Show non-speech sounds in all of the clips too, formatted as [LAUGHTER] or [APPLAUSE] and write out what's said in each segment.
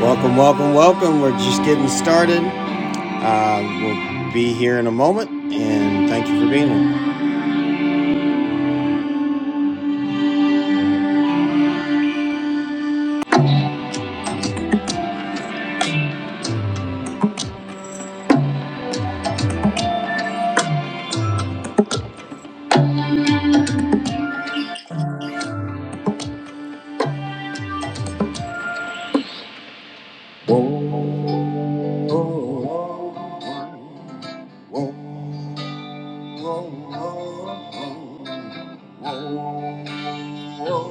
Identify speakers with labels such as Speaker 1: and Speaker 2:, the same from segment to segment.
Speaker 1: Welcome, welcome, welcome. We're just getting started. Uh, we'll be here in a moment, and thank you for being here. Whoa, whoa, whoa, whoa, whoa, whoa.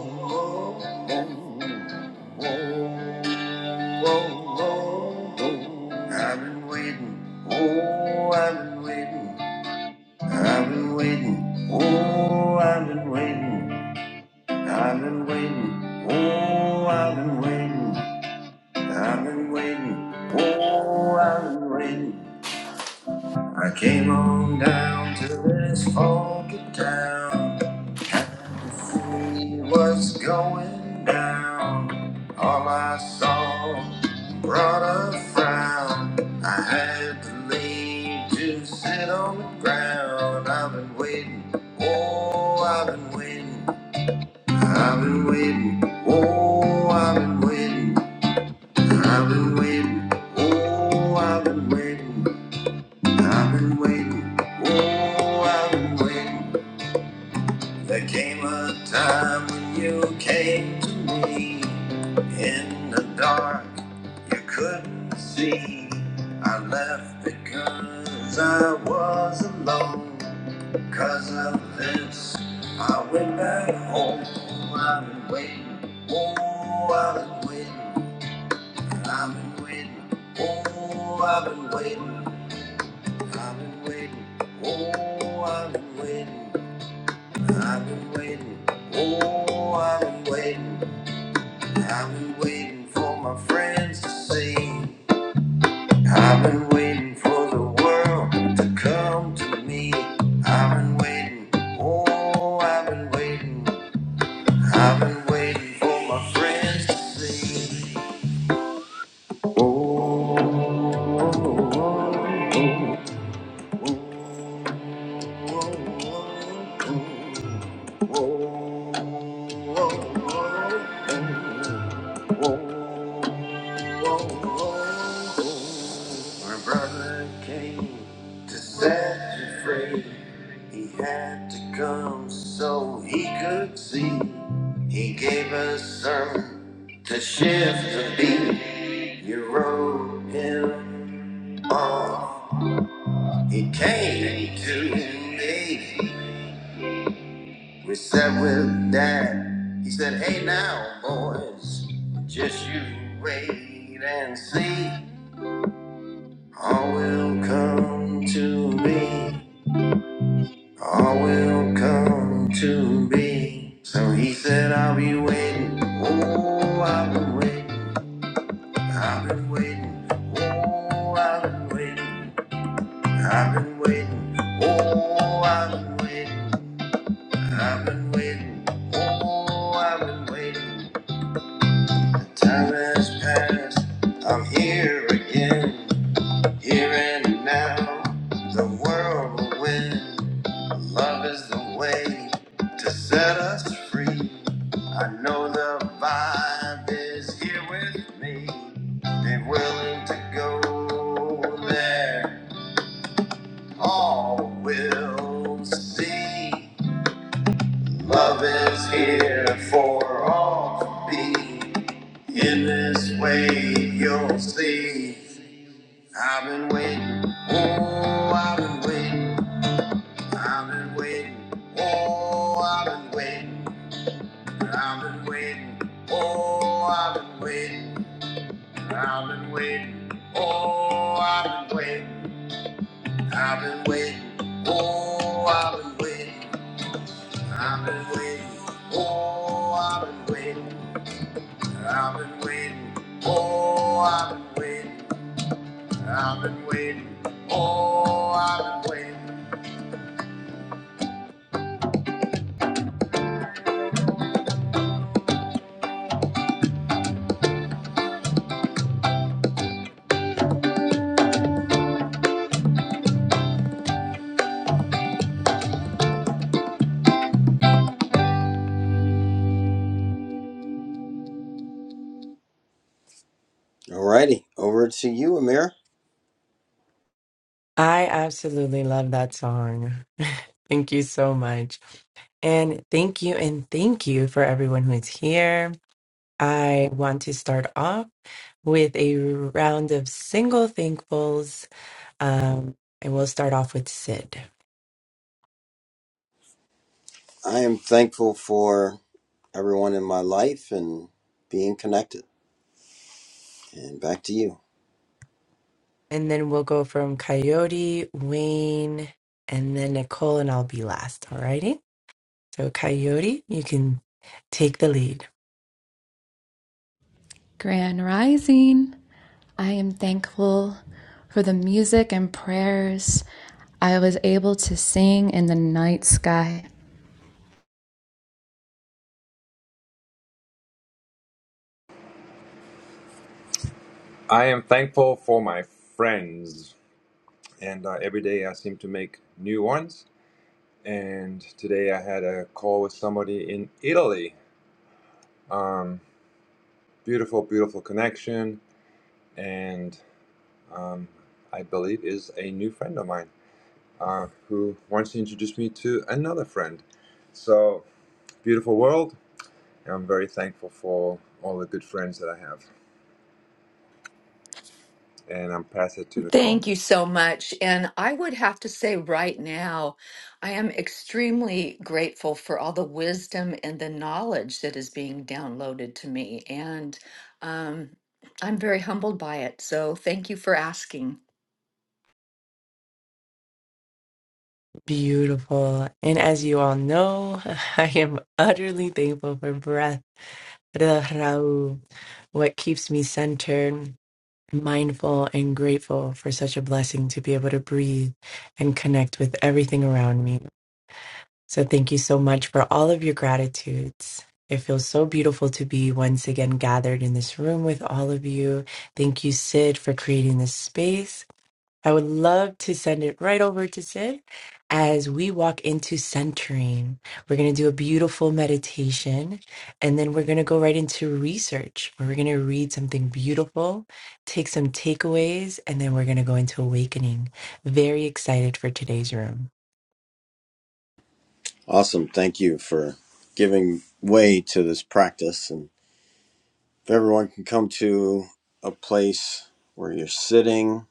Speaker 1: I've been waiting. Oh, I've been waiting. Oh, Oh, I've been waiting. I've been waiting, oh, I've been waiting. I came on down to this funky town. Had to see what's going down. All I saw brought a frown. I had to leave to sit on the ground. I've been waiting, oh, I've been waiting. I've been waiting, oh, I've been waiting. I've been waiting, oh, I've been waiting, I've been waiting, oh, I've been waiting. There came a time when you came to me in the dark, you couldn't see. I left because I was alone. 'Cause of this, I went back home. I've been waiting, oh, I've been waiting. I've been waiting. Oh, I've been waiting. I've been waiting. Oh, I've been waiting. I've been waiting. Oh, I've been waiting. I've been waiting for my friends to see. I've been waiting for the world to come to me. I've been waiting. Oh, I've been waiting. I've been waiting for my friends to see. Oh, oh, oh, oh. oh, oh. My brother came to set you free. He had to come so he could see. He gave a sermon to shift the beat. You wrote him off. He came to me. We sat with Dad. He said, Hey now, boys, just you wait and see. All will come to me. All will come to me. So he said, I'll be waiting. Oh, I've been waiting. I've been waiting. Oh, I've been waiting. I've been waiting. Oh, I've been waiting. I've been waiting, oh, I've been waiting. The time has passed, I'm here again, here and now. The world will win. Love is the way to set us free. I know the vibe is here with me. They're willing to go there, all will see. Love is here for all to be. In this way, you'll see. I've been waiting. Oh, I've been waiting. I've been waiting. Oh, I've been waiting. I've been waiting. Oh, I've been waiting. I've been waiting. Oh, I've been waiting. I've been waiting. Oh, I've been waiting. I've been waiting. Oh, I've been waiting. I've been waiting. Oh, I've been waiting. I've been waiting. Oh, I've been waiting. Alrighty, over to you, Amir.
Speaker 2: I absolutely love that song. [LAUGHS] Thank you so much. And thank you and thank you for everyone who is here. I want to start off with a round of single thankfuls. Um, and we'll start off with Sid.
Speaker 1: I am thankful for everyone in my life and being connected. And back to you.
Speaker 2: And then we'll go from Coyote, Wayne, and then Nicole, and I'll be last. Alrighty. So, Coyote, you can take the lead.
Speaker 3: Grand Rising. I am thankful for the music and prayers I was able to sing in the night sky.
Speaker 4: I am thankful for my friends, and uh, every day I seem to make new ones. And today I had a call with somebody in Italy. Um, beautiful, beautiful connection, and um, I believe is a new friend of mine uh, who wants to introduce me to another friend. So beautiful world. and I'm very thankful for all the good friends that I have, and I'm past it to Nicole.
Speaker 5: Thank you so much. And I would have to say right now, I am extremely grateful for all the wisdom and the knowledge that is being downloaded to me. And um, I'm very humbled by it. So thank you for asking.
Speaker 2: Beautiful. And as you all know, [LAUGHS] I am utterly thankful for breath. Rahu, what keeps me centered, mindful, and grateful for such a blessing to be able to breathe and connect with everything around me. So, thank you so much for all of your gratitudes. It feels so beautiful to be once again gathered in this room with all of you. Thank you, Sid, for creating this space. I would love to send it right over to Sid as we walk into centering. We're going to do a beautiful meditation and then we're going to go right into research where we're going to read something beautiful, take some takeaways, and then we're going to go into awakening. Very excited for today's room.
Speaker 1: Awesome. Thank you for giving way to this practice. And if everyone can come to a place where you're sitting,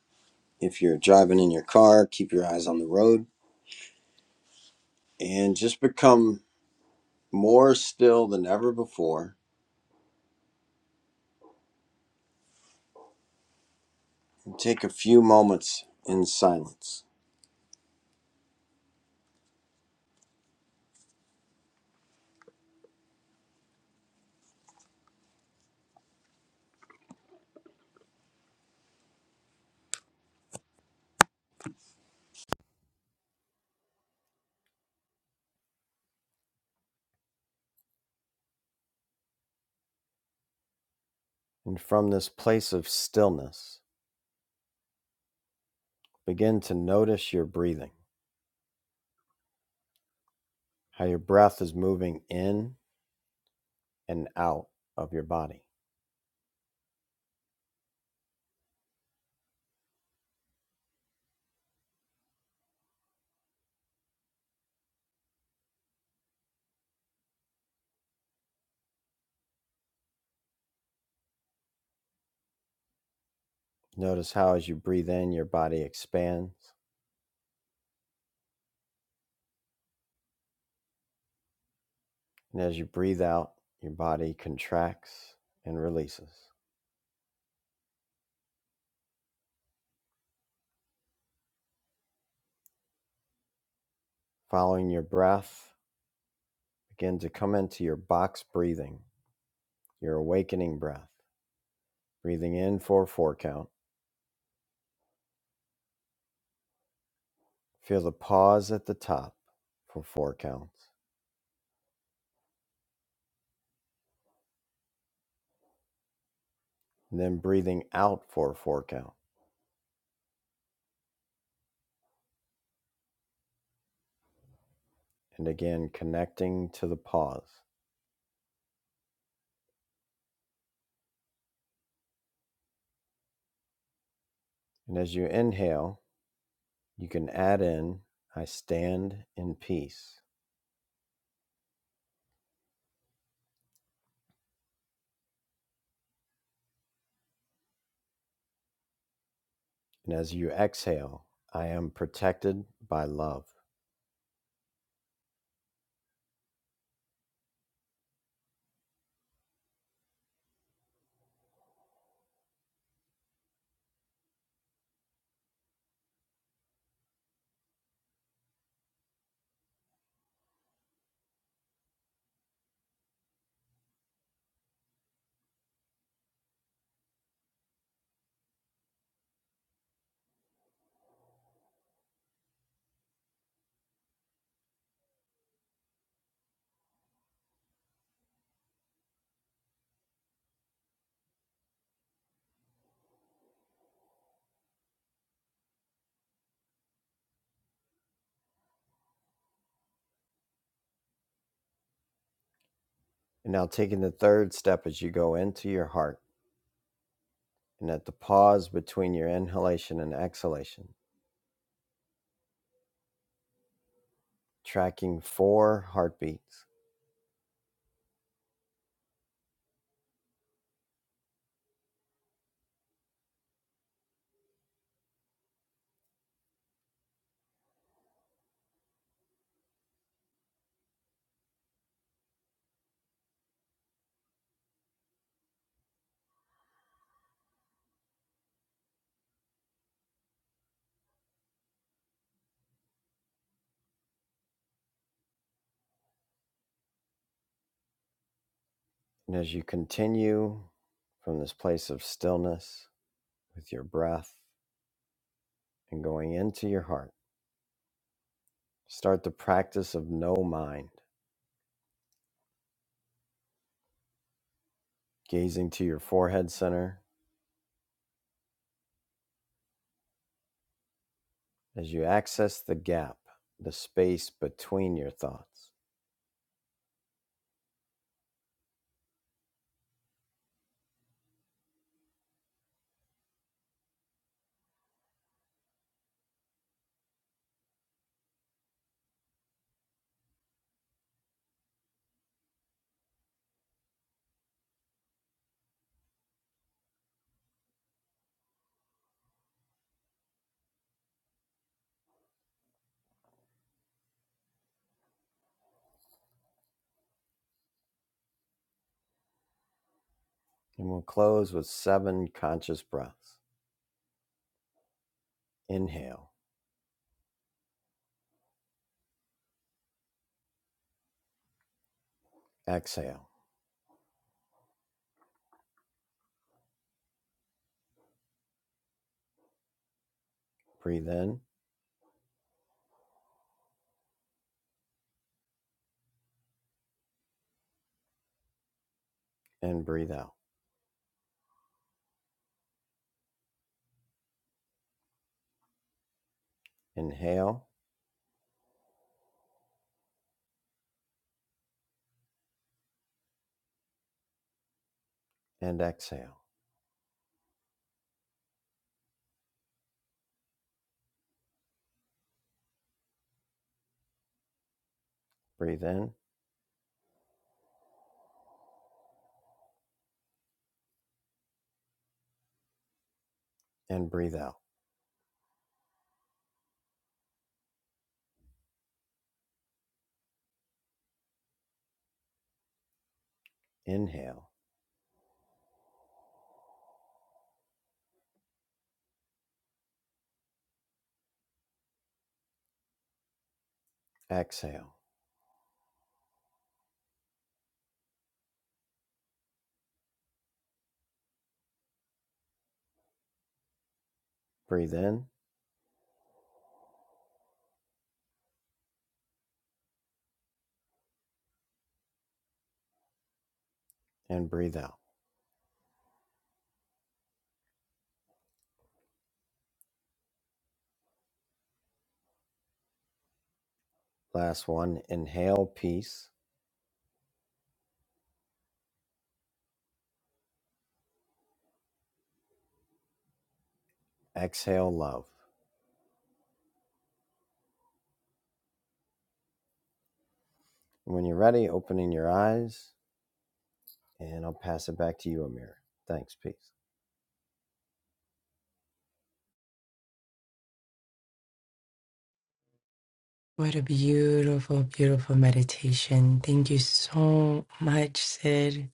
Speaker 1: if you're driving in your car, keep your eyes on the road and just become more still than ever before, and take a few moments in silence. And from this place of stillness, begin to notice your breathing, how your breath is moving in and out of your body. Notice how, as you breathe in, your body expands, and as you breathe out, your body contracts and releases. Following your breath, begin to come into your box breathing, your awakening breath, breathing in for a four count Feel the pause at the top for four counts, and then breathing out for a four count, and again connecting to the pause. And as you inhale, you can add in, I stand in peace. And as you exhale, I am protected by love. And now taking the third step as you go into your heart, and at the pause between your inhalation and exhalation, tracking four heartbeats. And as you continue from this place of stillness, with your breath and going into your heart. Start the practice of no mind, gazing to your forehead center as you access the gap, the space between your thoughts. And we'll close with seven conscious breaths. Inhale, exhale, breathe in and breathe out. Inhale and exhale, breathe in and breathe out. Inhale, exhale, breathe in and breathe out. Last one, inhale peace, exhale love. And When you're ready, opening your eyes, and I'll pass it back to you, Amir. Thanks. Peace.
Speaker 2: What a beautiful, beautiful meditation. Thank you so much, Sid,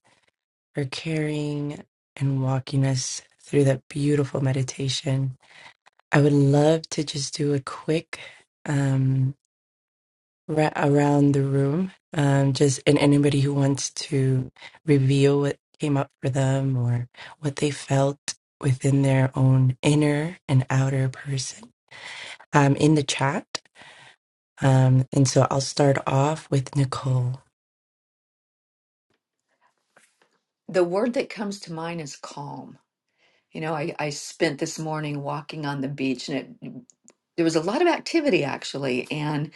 Speaker 2: for carrying and walking us through that beautiful meditation. I would love to just do a quick um, ra- around the room, um, just and anybody who wants to reveal what came up for them or what they felt within their own inner and outer person um, in the chat. Um, and so I'll start off with Nicole.
Speaker 5: The word that comes to mind is calm. You know, I, I spent this morning walking on the beach and it, there was a lot of activity actually. And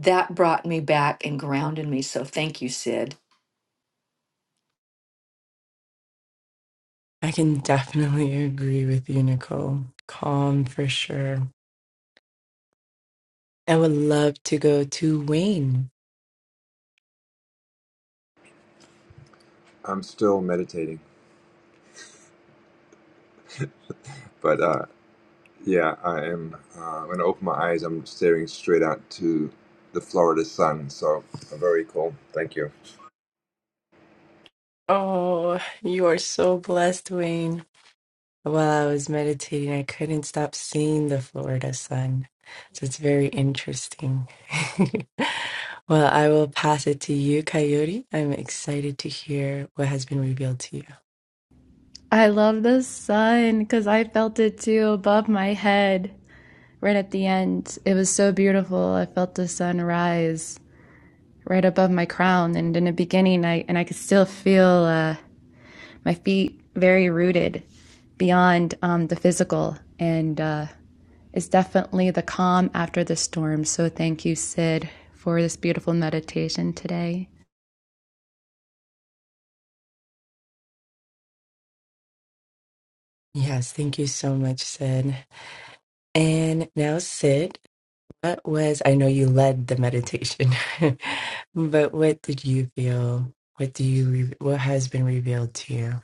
Speaker 5: that brought me back and grounded me. So thank you, Sid.
Speaker 2: I can definitely [LAUGHS] agree with you, Nicole. Calm for sure. I would love to go to Wayne.
Speaker 4: I'm still meditating, but uh, Yeah, I am. Uh, when I open my eyes, I'm staring straight out to the Florida sun. So uh, very cool. Thank you.
Speaker 2: Oh, you are so blessed, Wayne. While I was meditating, I couldn't stop seeing the Florida sun. So it's very interesting. [LAUGHS] Well, I will pass it to you, Coyote. I'm excited to hear what has been revealed to you.
Speaker 3: I love the sun because I felt it too above my head right at the end. It was so beautiful. I felt the sun rise right above my crown and in the beginning I and I could still feel uh my feet very rooted beyond um, the physical and uh, it's definitely the calm after the storm. So thank you, Sid, for this beautiful meditation today.
Speaker 2: Yes, thank you so much, Sid. And now, Sid, what was, I know you led the meditation, [LAUGHS] but what did you feel? What do you, re- what has been revealed to you?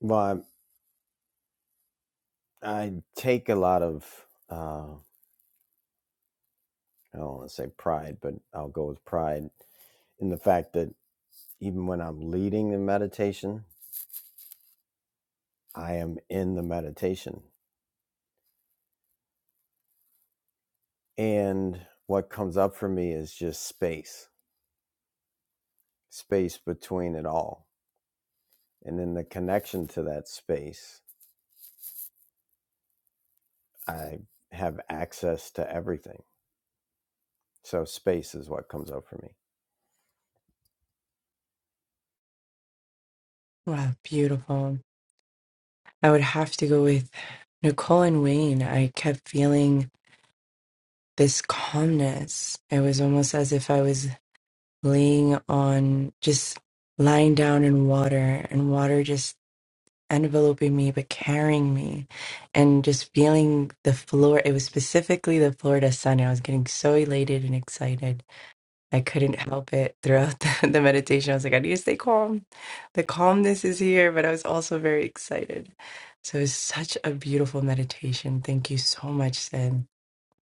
Speaker 1: Well, I, I take a lot of, uh, I don't want to say pride, but I'll go with pride in the fact that even when I'm leading the meditation, I am in the meditation. And what comes up for me is just space, space between it all. And in the connection to that space, I have access to everything. So space is what comes up for me.
Speaker 2: Wow, beautiful. I would have to go with Nicole and Wayne. I kept feeling this calmness. It was almost as if I was laying on, just lying down in water, and water just enveloping me, but carrying me, and just feeling the floor. It was specifically the Florida sun. I was getting so elated and excited I couldn't help it throughout the, [LAUGHS] the meditation. I was like, I need to stay calm. The calmness is here, but I was also very excited. So it was such a beautiful meditation. Thank you so much, Sen.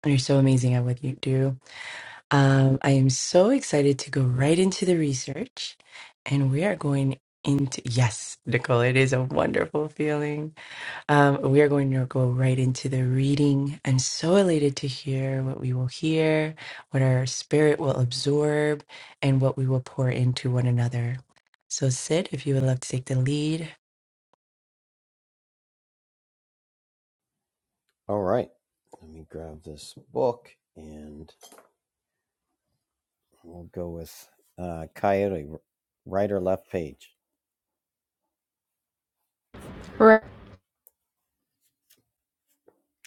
Speaker 2: You're so amazing at what you do. Um, I am so excited to go right into the research. And we are going into, yes, Nicole, it is a wonderful feeling. Um, we are going to go right into the reading. I'm so elated to hear what we will hear, what our spirit will absorb, and what we will pour into one another. So, Sid, if you would love to take the lead,
Speaker 1: All right. Let me grab this book and we'll go with uh, Coyote, right or left page.
Speaker 3: Right.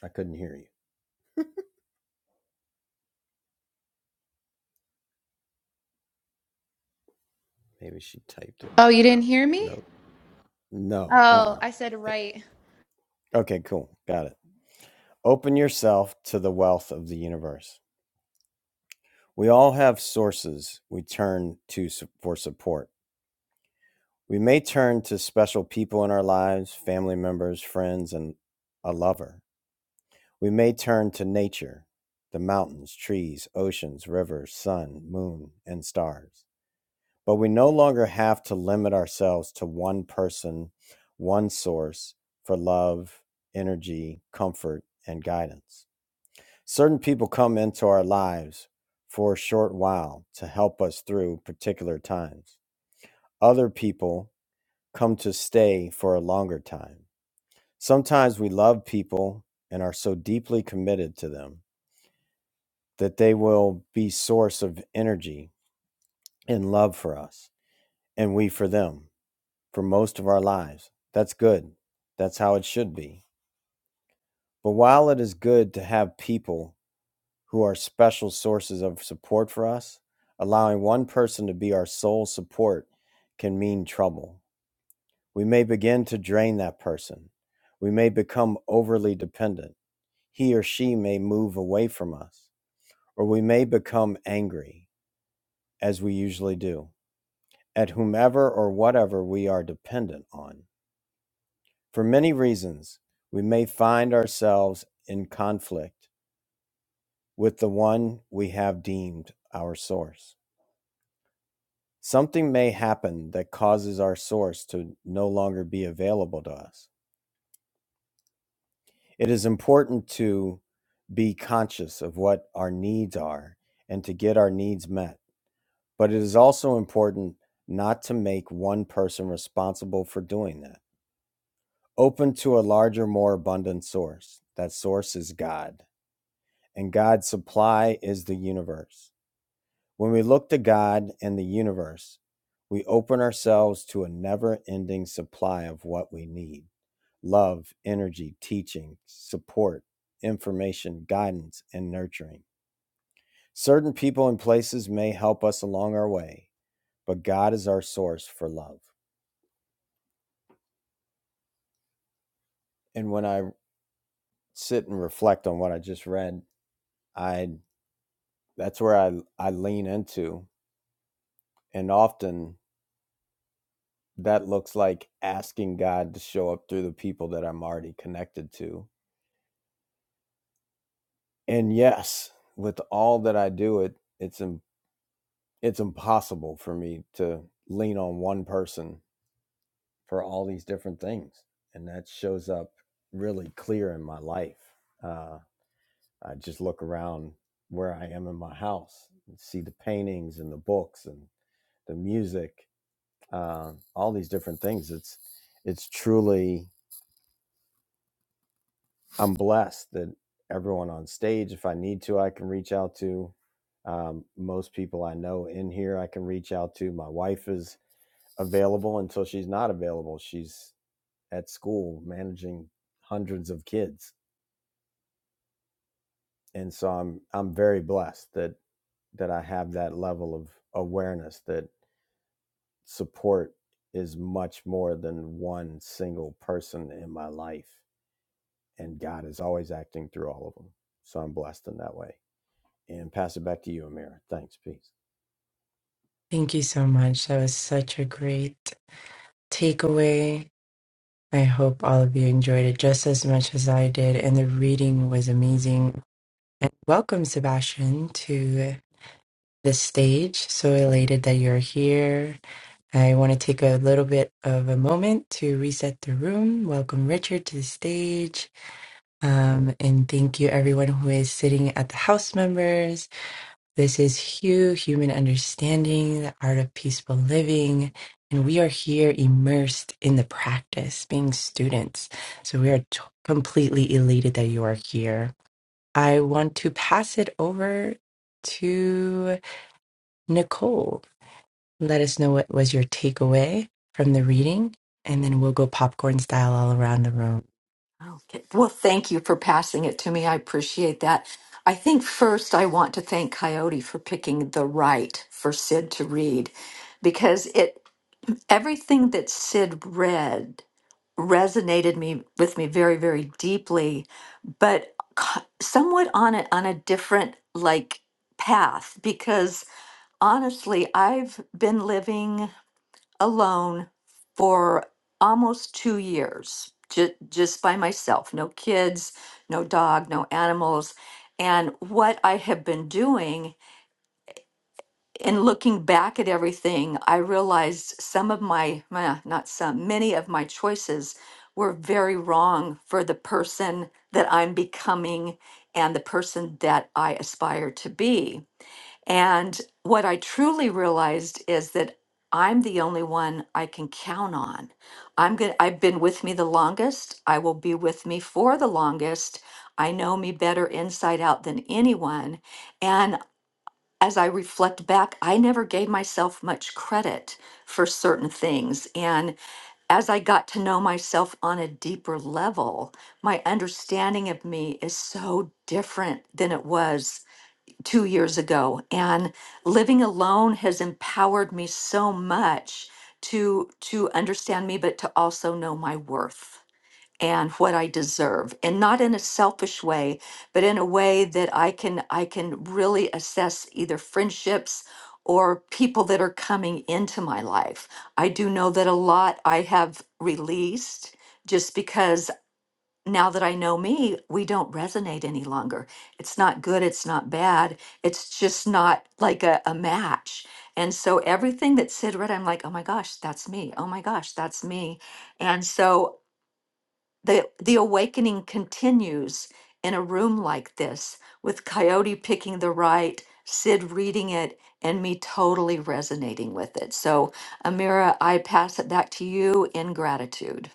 Speaker 1: I couldn't hear you. Maybe she typed it.
Speaker 3: Oh, you didn't hear me?
Speaker 1: Nope. No.
Speaker 3: Oh,
Speaker 1: Uh
Speaker 3: I said
Speaker 1: uh
Speaker 3: right.
Speaker 1: Okay, cool. Got it. Open yourself to the wealth of the universe. We all have sources we turn to s- for support. We may turn to special people in our lives, family members, friends, and a lover. We may turn to nature, the mountains, trees, oceans, rivers, sun, moon, and stars. But we no longer have to limit ourselves to one person, one source for love, energy, comfort, and guidance. Certain people come into our lives for a short while to help us through particular times. Other people come to stay for a longer time. Sometimes we love people and are so deeply committed to them that they will be source of energy and love for us and we for them for most of our lives that's good that's how it should be but while it is good to have people who are special sources of support for us allowing one person to be our sole support can mean trouble we may begin to drain that person we may become overly dependent he or she may move away from us or we may become angry as we usually do at whomever or whatever we are dependent on. For many reasons, we may find ourselves in conflict with the one we have deemed our source. Something may happen that causes our source to no longer be available to us. It is important to be conscious of what our needs are and to get our needs met. But it is also important not to make one person responsible for doing that. open to a larger, more abundant source. That source is God, and God's supply is universe. When we look to God, universe, we open ourselves to it in what we need: love, energy, teaching, support, information, guidance, certain way. But God is our source for love. And when I sit and reflect on what I just read, I that's where I I lean into, and often that looks like asking God to show up through the people that I'm already connected to And yes, with all that I do, it it's im- it's impossible for me to lean on one person for all these different things, and that shows up really clear in my life. Uh, I just look around where I am in my house, and see the paintings and the books and the music, uh, all these different things. It's it's truly I'm blessed that everyone on stage, if I need to, I can reach out to. Um, most people I know in here, I can reach out to. My wife is available until she's not available. She's at school managing hundreds of kids, and so I'm I'm very blessed that that I have that level of awareness that support is much more than one single person in my life, and God is always acting through all of them. So I'm blessed in that way. and pass it back to you, Amir. Thanks. Peace.
Speaker 2: thank you so much. That was such a great takeaway. I hope all of you enjoyed it just as much as I did, and the reading was amazing. And welcome, Sebastian, to the stage. So elated that you're here. I want to take a little bit of a moment to reset the room. Welcome Richard to the stage. Um, and thank you everyone who is sitting at the house members. This is Hugh, Human Understanding, the Art of Peaceful Living. And we are here immersed in the practice, being students. So we are t- completely elated that you are here. I want to pass it over to Nicole. Let us know what was your takeaway from the reading, and then we'll go popcorn style all around the room.
Speaker 5: Okay. Well, thank you for passing it to me. I appreciate that. I think first I want to thank Coyote for picking the right for Sid to read because it everything that Sid read resonated me with me very very deeply but co- somewhat on a on a different like path because honestly I've been living alone for almost two years, ju- just by myself. No kids, no dog, no animals. And what I have been doing in looking back at everything, I realized some of my, eh, not some, many of my choices were very wrong for the person that I'm becoming and the person that I aspire to be. And what I truly realized is that I'm the only one I can count on. I'm going to I've been with me the longest. I will be with me for the longest. I know me better inside out than anyone. And as I reflect back, I never gave myself much credit for certain things. And as I got to know myself on a deeper level, my understanding of me is so different than it was two years ago and living alone has empowered me so much to to understand me but to also know my worth and what i deserve and not in a selfish way but in a way that i can i can really assess either friendships or people that are coming into my life i do know that a lot i have released just because now that I know me, we don't resonate any longer. It's not good. It's not bad. It's just not like a, a match. And so everything that Sid read, I'm like, oh my gosh, that's me. Oh my gosh, that's me. And so the the awakening continues in a room like this with Coyote picking the right, Sid reading it, and me totally resonating with it. So Amira, I pass it back to you in gratitude.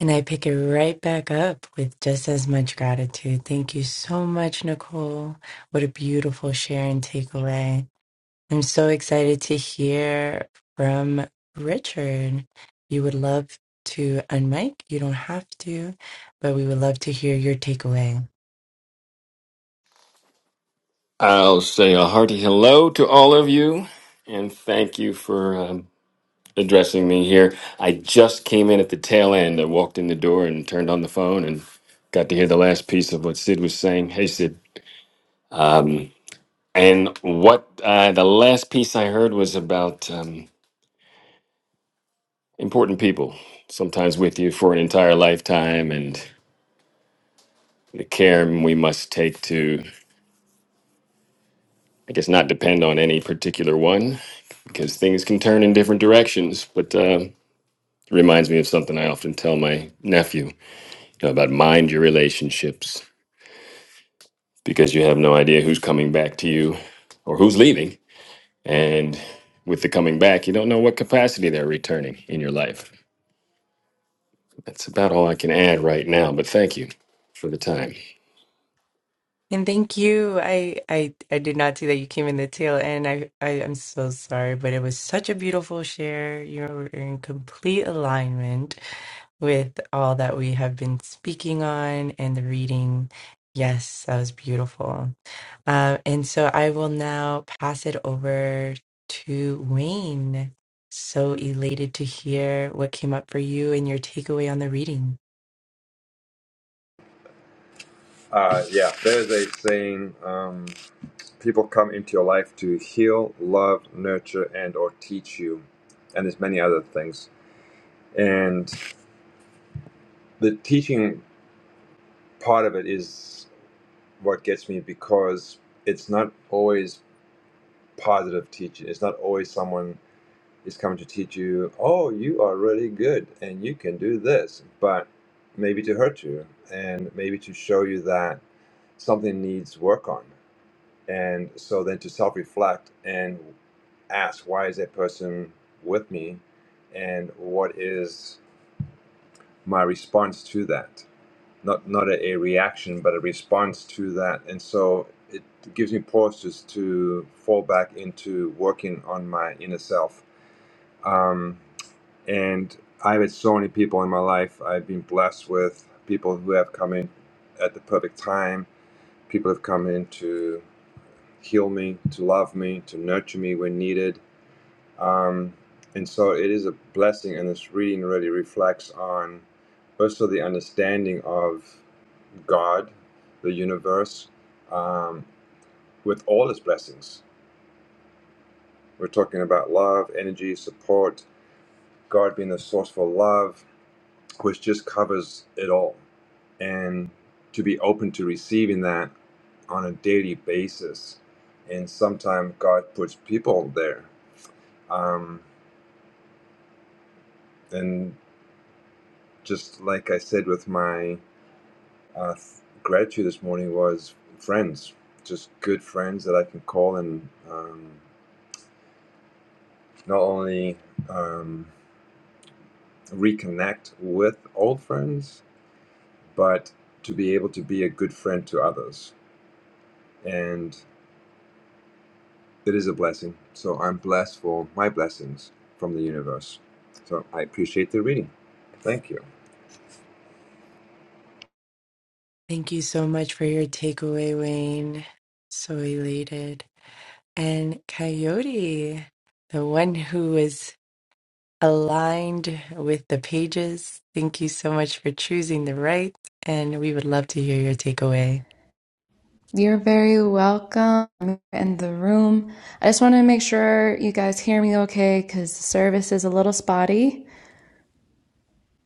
Speaker 2: And I pick it right back up with just as much gratitude. Thank you so much, Nicole. What a beautiful share and takeaway. I'm so excited to hear from Richard. You would love to unmic, you don't have to, but we would love to hear your takeaway.
Speaker 6: I'll say a hearty hello to all of you and thank you for um, addressing me here. I just came in at the tail end. I walked in the door and turned on the phone and got to hear the last piece of what Sid was saying. Hey, Sid. And what uh, the last piece I heard was about um, important people, sometimes with you for an entire lifetime, and the care we must take to, I guess, not depend on any particular one because things can turn in different directions. But uh, It reminds me of something I often tell my nephew you know, about mind your relationships because you have no idea who's coming back to you or who's leaving. And with the coming back, you don't know what capacity they're returning in your life. That's about all I can add right now, but thank you for the time.
Speaker 2: And thank you. I I I did not see that you came in the tail end. I, I I'm so sorry, but it was such a beautiful share. You're in complete alignment with all that we have been speaking on and the reading. Yes, that was beautiful. Uh, and so I will now pass it over to Wayne. So elated to hear what came up for you and your takeaway on the reading.
Speaker 4: Uh, yeah, there's a saying: um, people come into your life to heal, love, nurture, and or teach you, and there's many other things. And the teaching part of it is what gets me because it's not always positive teaching. It's not always someone Is coming to teach you, oh, you are really good and you can do this, but maybe to hurt you and maybe to show you that something needs work on. And so then to self reflect and ask, why is that person with me? And what is my response to that? Not, not a, a reaction, but a response to that. And so it gives me pauses to fall back into working on my inner self. Um, and I've had so many people in my life. I've been blessed with people who have come in at the perfect time. People have come in to heal me, to love me, to nurture me when needed. Um, and so it is a blessing, and this reading really reflects on first of all, the understanding of God, the universe, um, with all its blessings. We're talking about love, energy, support, God being the source for love, which just covers it all. And to be open to receiving that on a daily basis. And sometimes God puts people there. Um, and just like I said with my uh, gratitude this morning was friends, just good friends that I can call and um, not only um, reconnect with old friends, but to be able to be a good friend to others. And it is a blessing. So I'm blessed for my blessings from the universe. So I appreciate the reading. Thank you.
Speaker 2: Thank you so much for your takeaway, Wayne. So elated. And Coyote, the one who is aligned with the pages, thank you so much for choosing the right. And we would love to hear your takeaway.
Speaker 3: You're very welcome in the room. I just want to make sure you guys hear me okay because the service is a little spotty.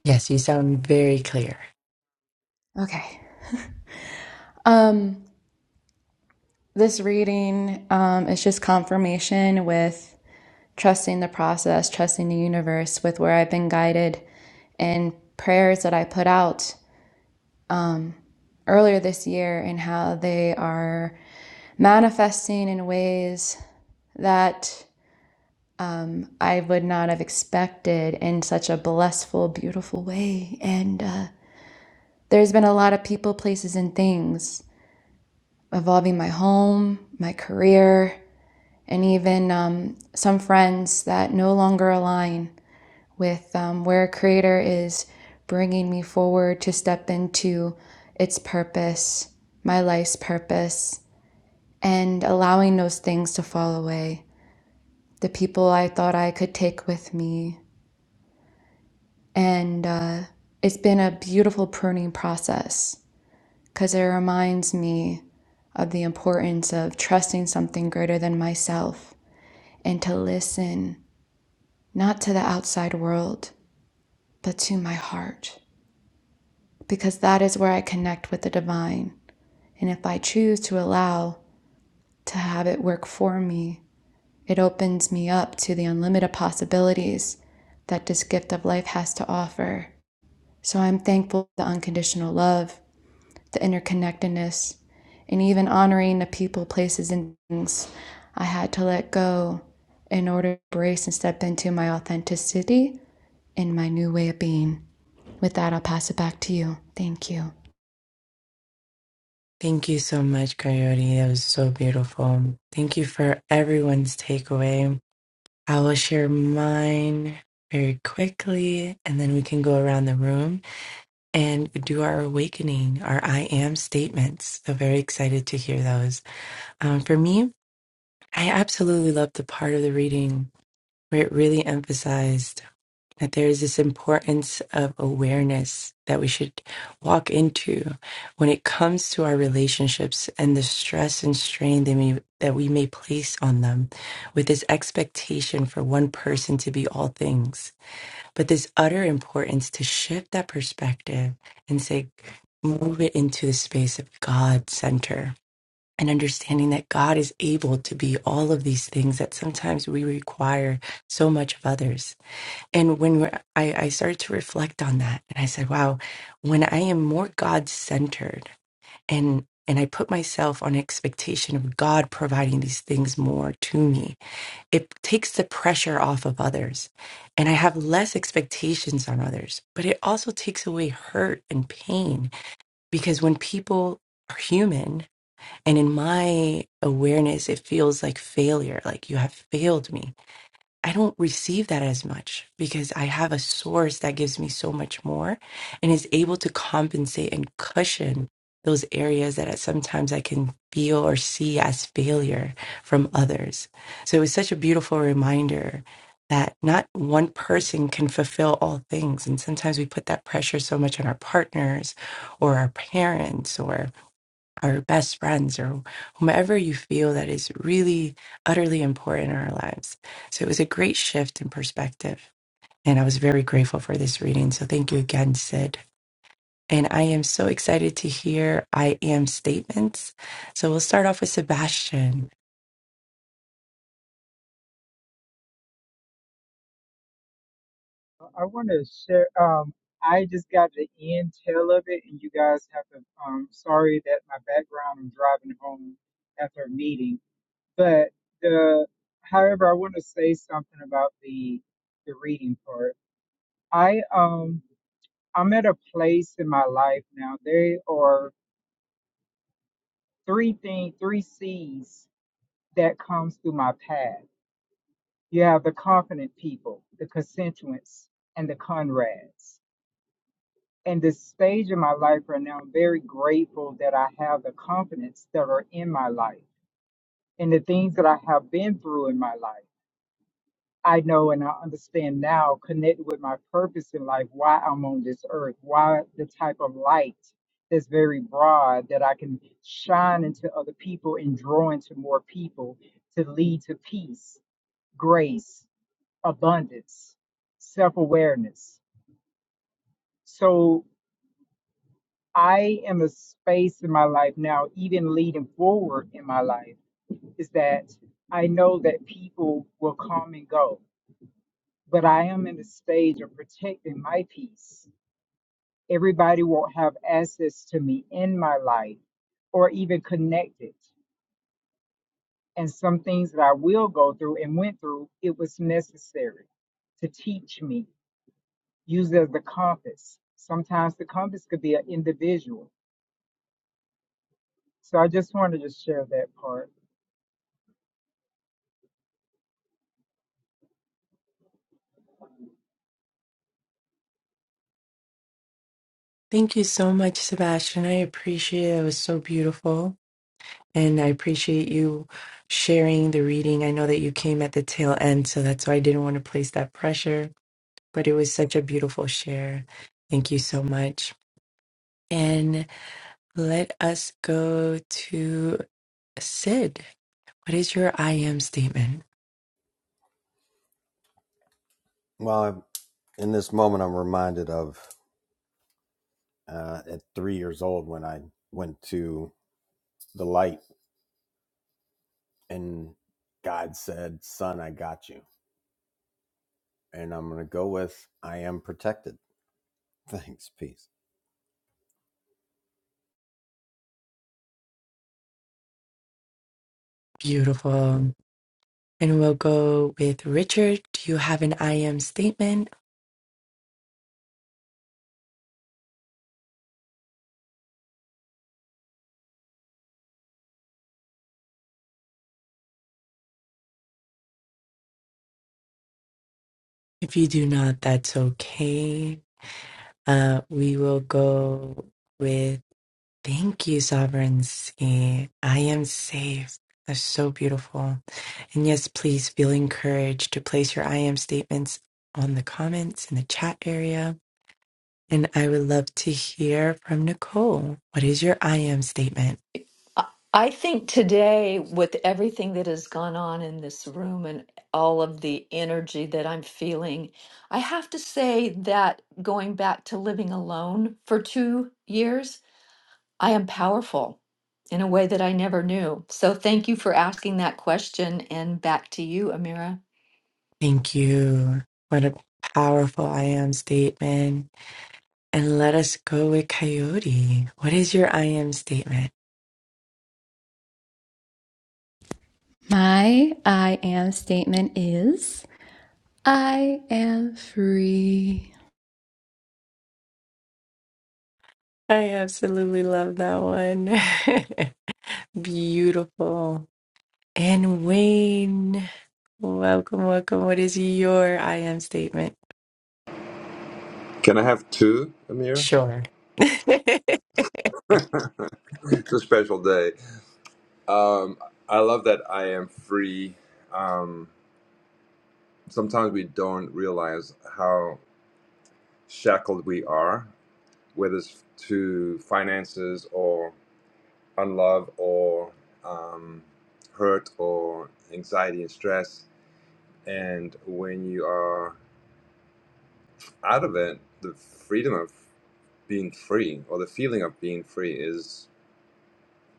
Speaker 2: Yes, you sound very clear.
Speaker 3: Okay. Um, this reading um, is just confirmation with. trusting the process, trusting the universe with where I've been guided and prayers that I put out earlier this year and how they are manifesting in ways that I would not have expected in such a blissful, beautiful way. And uh, there's been a lot of people, places, and things involving my home, my career, and even um, some friends that no longer align with um, where a creator is bringing me forward to step into its purpose, my life's purpose, and allowing those things to fall away. The people I thought I could take with me. And uh, it's been a beautiful pruning process because it reminds me of the importance of trusting something greater than myself and to listen not to the outside world, but to my heart. because that is where I connect with the divine. And if I choose to allow to have it work for me, it opens me up to the unlimited possibilities that this gift of life has to offer. So I'm thankful for the unconditional love, the interconnectedness, and even honoring the people, places, and things I had to let go in order to embrace and step into my authenticity and my new way of being. With that, I'll pass it back to you. Thank you.
Speaker 2: Thank you so much, Coyote. That was so beautiful. Thank you for everyone's takeaway. I will share mine very quickly and then we can go around the room. and do our awakening, our I am statements. So, very excited to hear those. Um, for me, I absolutely loved the part of the reading where it really emphasized that there is this importance of awareness that we should walk into when it comes to our relationships and the stress and strain that we, that we may place on them with this expectation for one person to be all things but this utter importance to shift that perspective and say, move it into the space of God center and understanding that God is able to be all of these things that sometimes we require so much of others. And when we're, I, I started to reflect on that, and I said, wow, when I am more God centered and and I put myself on expectation of God providing these things more to me it takes the pressure off of others and i have less expectations on others but it also takes away hurt and pain because when people are human and in my awareness it feels like failure like you have failed me I don't receive that as much because I have a source that gives me so much more and is able to compensate and cushion those areas that I- sometimes I can feel or see as failure from others. So it was such a beautiful reminder that not one person can fulfill all things. And sometimes we put that pressure so much on our partners or our parents our best friends or whomever you feel that is really utterly important in our lives. So it was a great shift in perspective. And I was very grateful for this reading. So thank you again, Sid. And I am so excited to hear I am statements. So we'll start off with Sebastian.
Speaker 7: I want to share. Um, I just got the end tail of it, and you guys have to. Um, sorry that my background. I'm driving home after a meeting, but the. However, I want to say something about the the reading part. I um I'm at a place in my life now. There are three things, three C's that comes through my path. You have the confident people, the constituents, and the Conrads. In this stage of my life right now, I'm very grateful that I have the confidence that are in my life and the things that I have been through in my life. I know and I understand now, connected with my purpose in life, why I'm on this earth, why the type of light that's very broad that I can shine into other people and draw into more people to lead to peace, grace, abundance, self awareness. So I am a space in my life now, even leading forward in my life, is that I know that people will come and go, but I am in the stage of protecting my peace. Everybody won't have access to me in my life or even connected. And some things that I will go through and went through, it was necessary to teach me, use it as the compass. Sometimes the compass could be an individual. So I just wanted to share that part.
Speaker 2: Thank you so much, Sebastian. I appreciate it. It was so beautiful. And I appreciate you sharing the reading. I know that you came at the tail end, so that's why I didn't want to place that pressure but it was such a beautiful share. Thank you so much. And let us go to Sid. What is your I am statement?
Speaker 1: Well, I'm, in this moment, I'm reminded of uh, at three years old when I went to the light and God said, Son, I got you. And I'm going to go with, I am protected. [LAUGHS] Thanks. Peace.
Speaker 2: Beautiful. And we'll go with Richard. Do you have an I am statement? If you do not, that's okay. Uh, we will go with thank you, sovereignty. I am safe. That's so beautiful. And yes, please feel encouraged to place your I am statements on the comments in the chat area. And I would love to hear from Nicole. What is your I am statement?
Speaker 5: I I think today, with everything that has gone on in this room and all of the energy that I'm feeling, I have to say that going back to living alone for two years, I am powerful in a way that I never knew. So thank you for asking that question. And back to you, Amira.
Speaker 2: Thank you. What a powerful I am statement. And let us go with Coyote. What is your I am statement?
Speaker 3: My I am statement is I am free.
Speaker 2: I absolutely love that one. [LAUGHS] Beautiful. And Wayne, welcome, welcome. What is your I am statement?
Speaker 4: Can I have two, Amir?
Speaker 2: Sure. [LAUGHS]
Speaker 4: [LAUGHS] it's a special day. Um, I love that I am free. Um, sometimes we don't realize how shackled we are, whether it's to finances or unlove or um, hurt or anxiety and stress. And when you are out of it, the freedom of being free or the feeling of being free is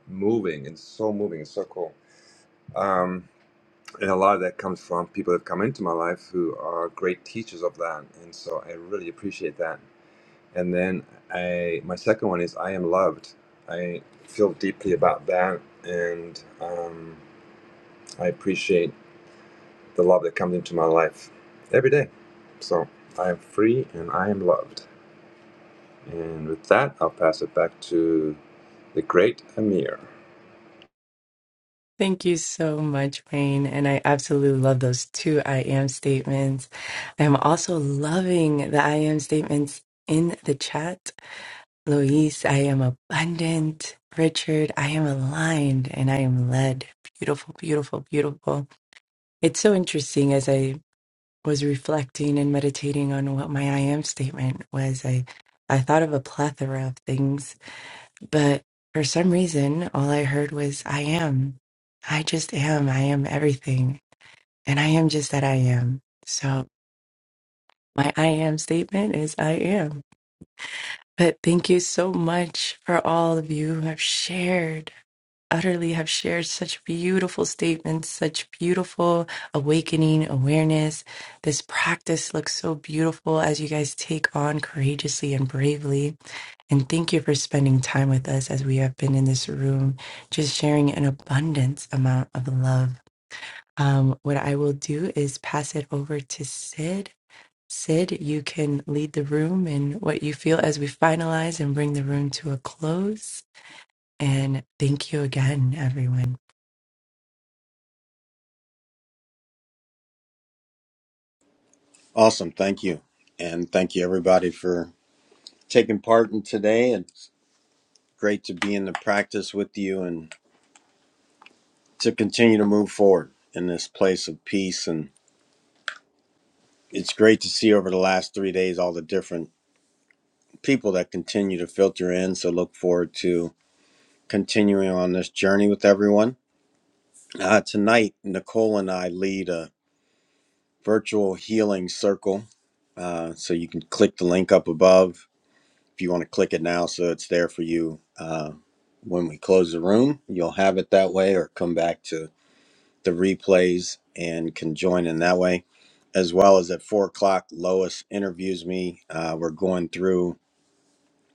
Speaker 4: moving. It's so moving. It's so cool. Um, and a lot of that comes from people that come into my life who are great teachers of that. And so I really appreciate that. And then I, my second one is I am loved. I feel deeply about that. And um, I appreciate the love that comes into my life every day. So I am free and I am loved. And with that, I'll pass it back to the great Amir.
Speaker 2: Thank you so much, Wayne. And I absolutely love those two I am statements. I am also loving the I am statements in the chat. Luis, I am abundant. Richard, I am aligned and I am led. Beautiful, beautiful, beautiful. It's so interesting as I was reflecting and meditating on what my I am statement was. I, I thought of a plethora of things But for some reason, all I heard was, I am. I just am. I am everything. And I am just that I am. So my I am statement is I am. But thank you so much for all of you who have shared, utterly have shared such beautiful statements, such beautiful awakening awareness. This practice looks so beautiful as you guys take on courageously and bravely. And thank you for spending time with us as we have been in this room, just sharing an abundance amount of love. Um, what I will do is pass it over to Sid. Sid, you can lead the room in what you feel as we finalize and bring the room to a close. And thank you again, everyone.
Speaker 1: Awesome. Thank you. And thank you, everybody, for taking part in today. It's great to be in the practice with you and to continue to move forward in this place of peace. And it's great to see over the last three days all the different people that continue to filter in. So look forward to continuing on this journey with everyone. Uh, tonight, Nicole and I lead a virtual healing circle. Uh, so you can click the link up above if you want to click it now so it's there for you uh, when we close the room. You'll have it that way or come back to the replays and can join in that way. As well as at four o'clock, Lois interviews me. Uh, we're going through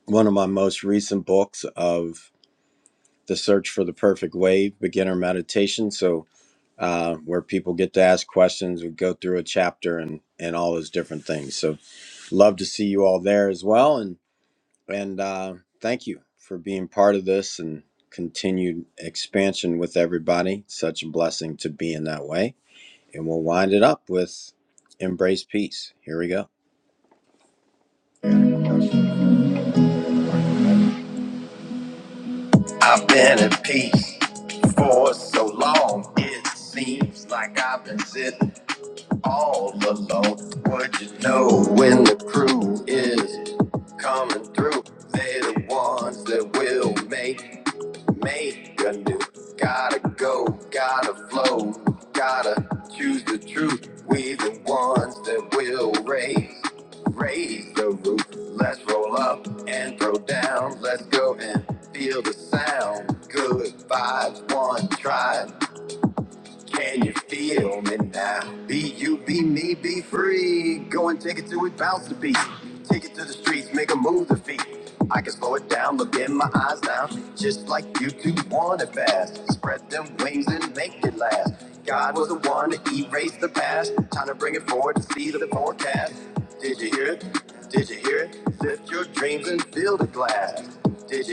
Speaker 1: one of my most recent books of the search for the perfect wave beginner meditation so uh, where people get to ask questions we go through a chapter and and all those different things so love to see you all there as well and and uh, thank you for being part of this and continued expansion with everybody such a blessing to be in that way and we'll wind it up with embrace peace here we go i've been at peace for so long it seems like i've been sitting all alone. Would you know when the crew is coming through? They're the ones that will make make a new. Gotta go, gotta flow, gotta choose the truth. We the ones that will raise, raise the roof. Let's roll up and throw down. Let's go and feel the sound. Good vibes, one try. Can you feel me now? Be you, be me, be free. Go and take it to it, bounce the beat. Take it to the streets, make a move the feet. I can slow it down, look in my eyes now. Just like you two want it fast. Spread them wings and make it last. God was the one to erase the past. Time to bring it forward to see the forecast. Did you hear it? Did you hear it? Lift your dreams and fill the glass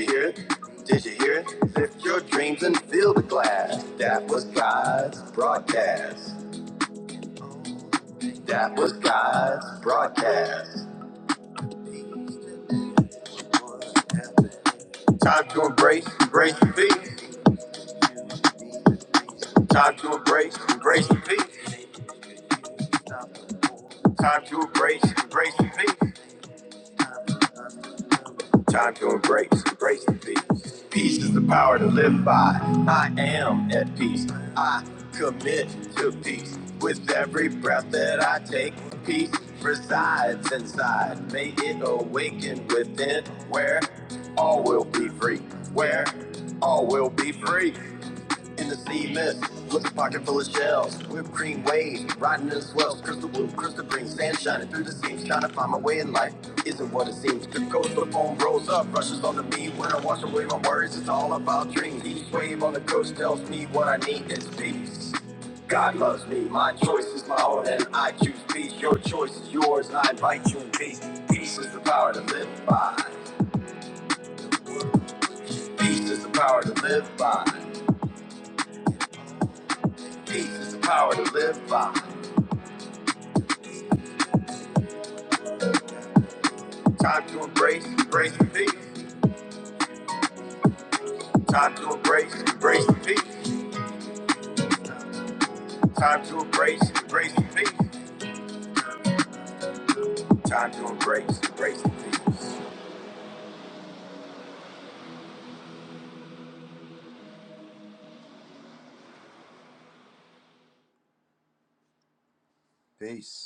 Speaker 1: hear it? Did you hear it? Lift your dreams and fill the glass. That was God's broadcast. That was God's broadcast. Time to embrace, embrace the beat. Time to embrace, embrace the beat. Time to embrace, embrace the beat. Time to embrace, embrace the peace. Peace is the power to live by. I am at peace. I commit to peace. With every breath that I take, peace resides inside. May it awaken within where all will be free. Where all will be free in the sea mist with a pocket full of shells. Whipped cream wave, riding in the swells. Crystal blue, crystal green, sand shining through the seams. Trying to find my way in life isn't what it seems. The coast, the foam rolls up, rushes onto me. When I wash away my worries, it's all about dreams. Each wave on the coast tells me what I need is peace. God loves me, my choice is my own, and I choose peace. Your choice is yours, and I invite you in peace. Peace is the power to live by. Peace is the power to live by. Peace is the power to live by. Time to embrace, embrace the peace. Time to embrace, embrace the peace. Time to embrace, embrace the peace. Time to embrace, embrace the peace. Peace.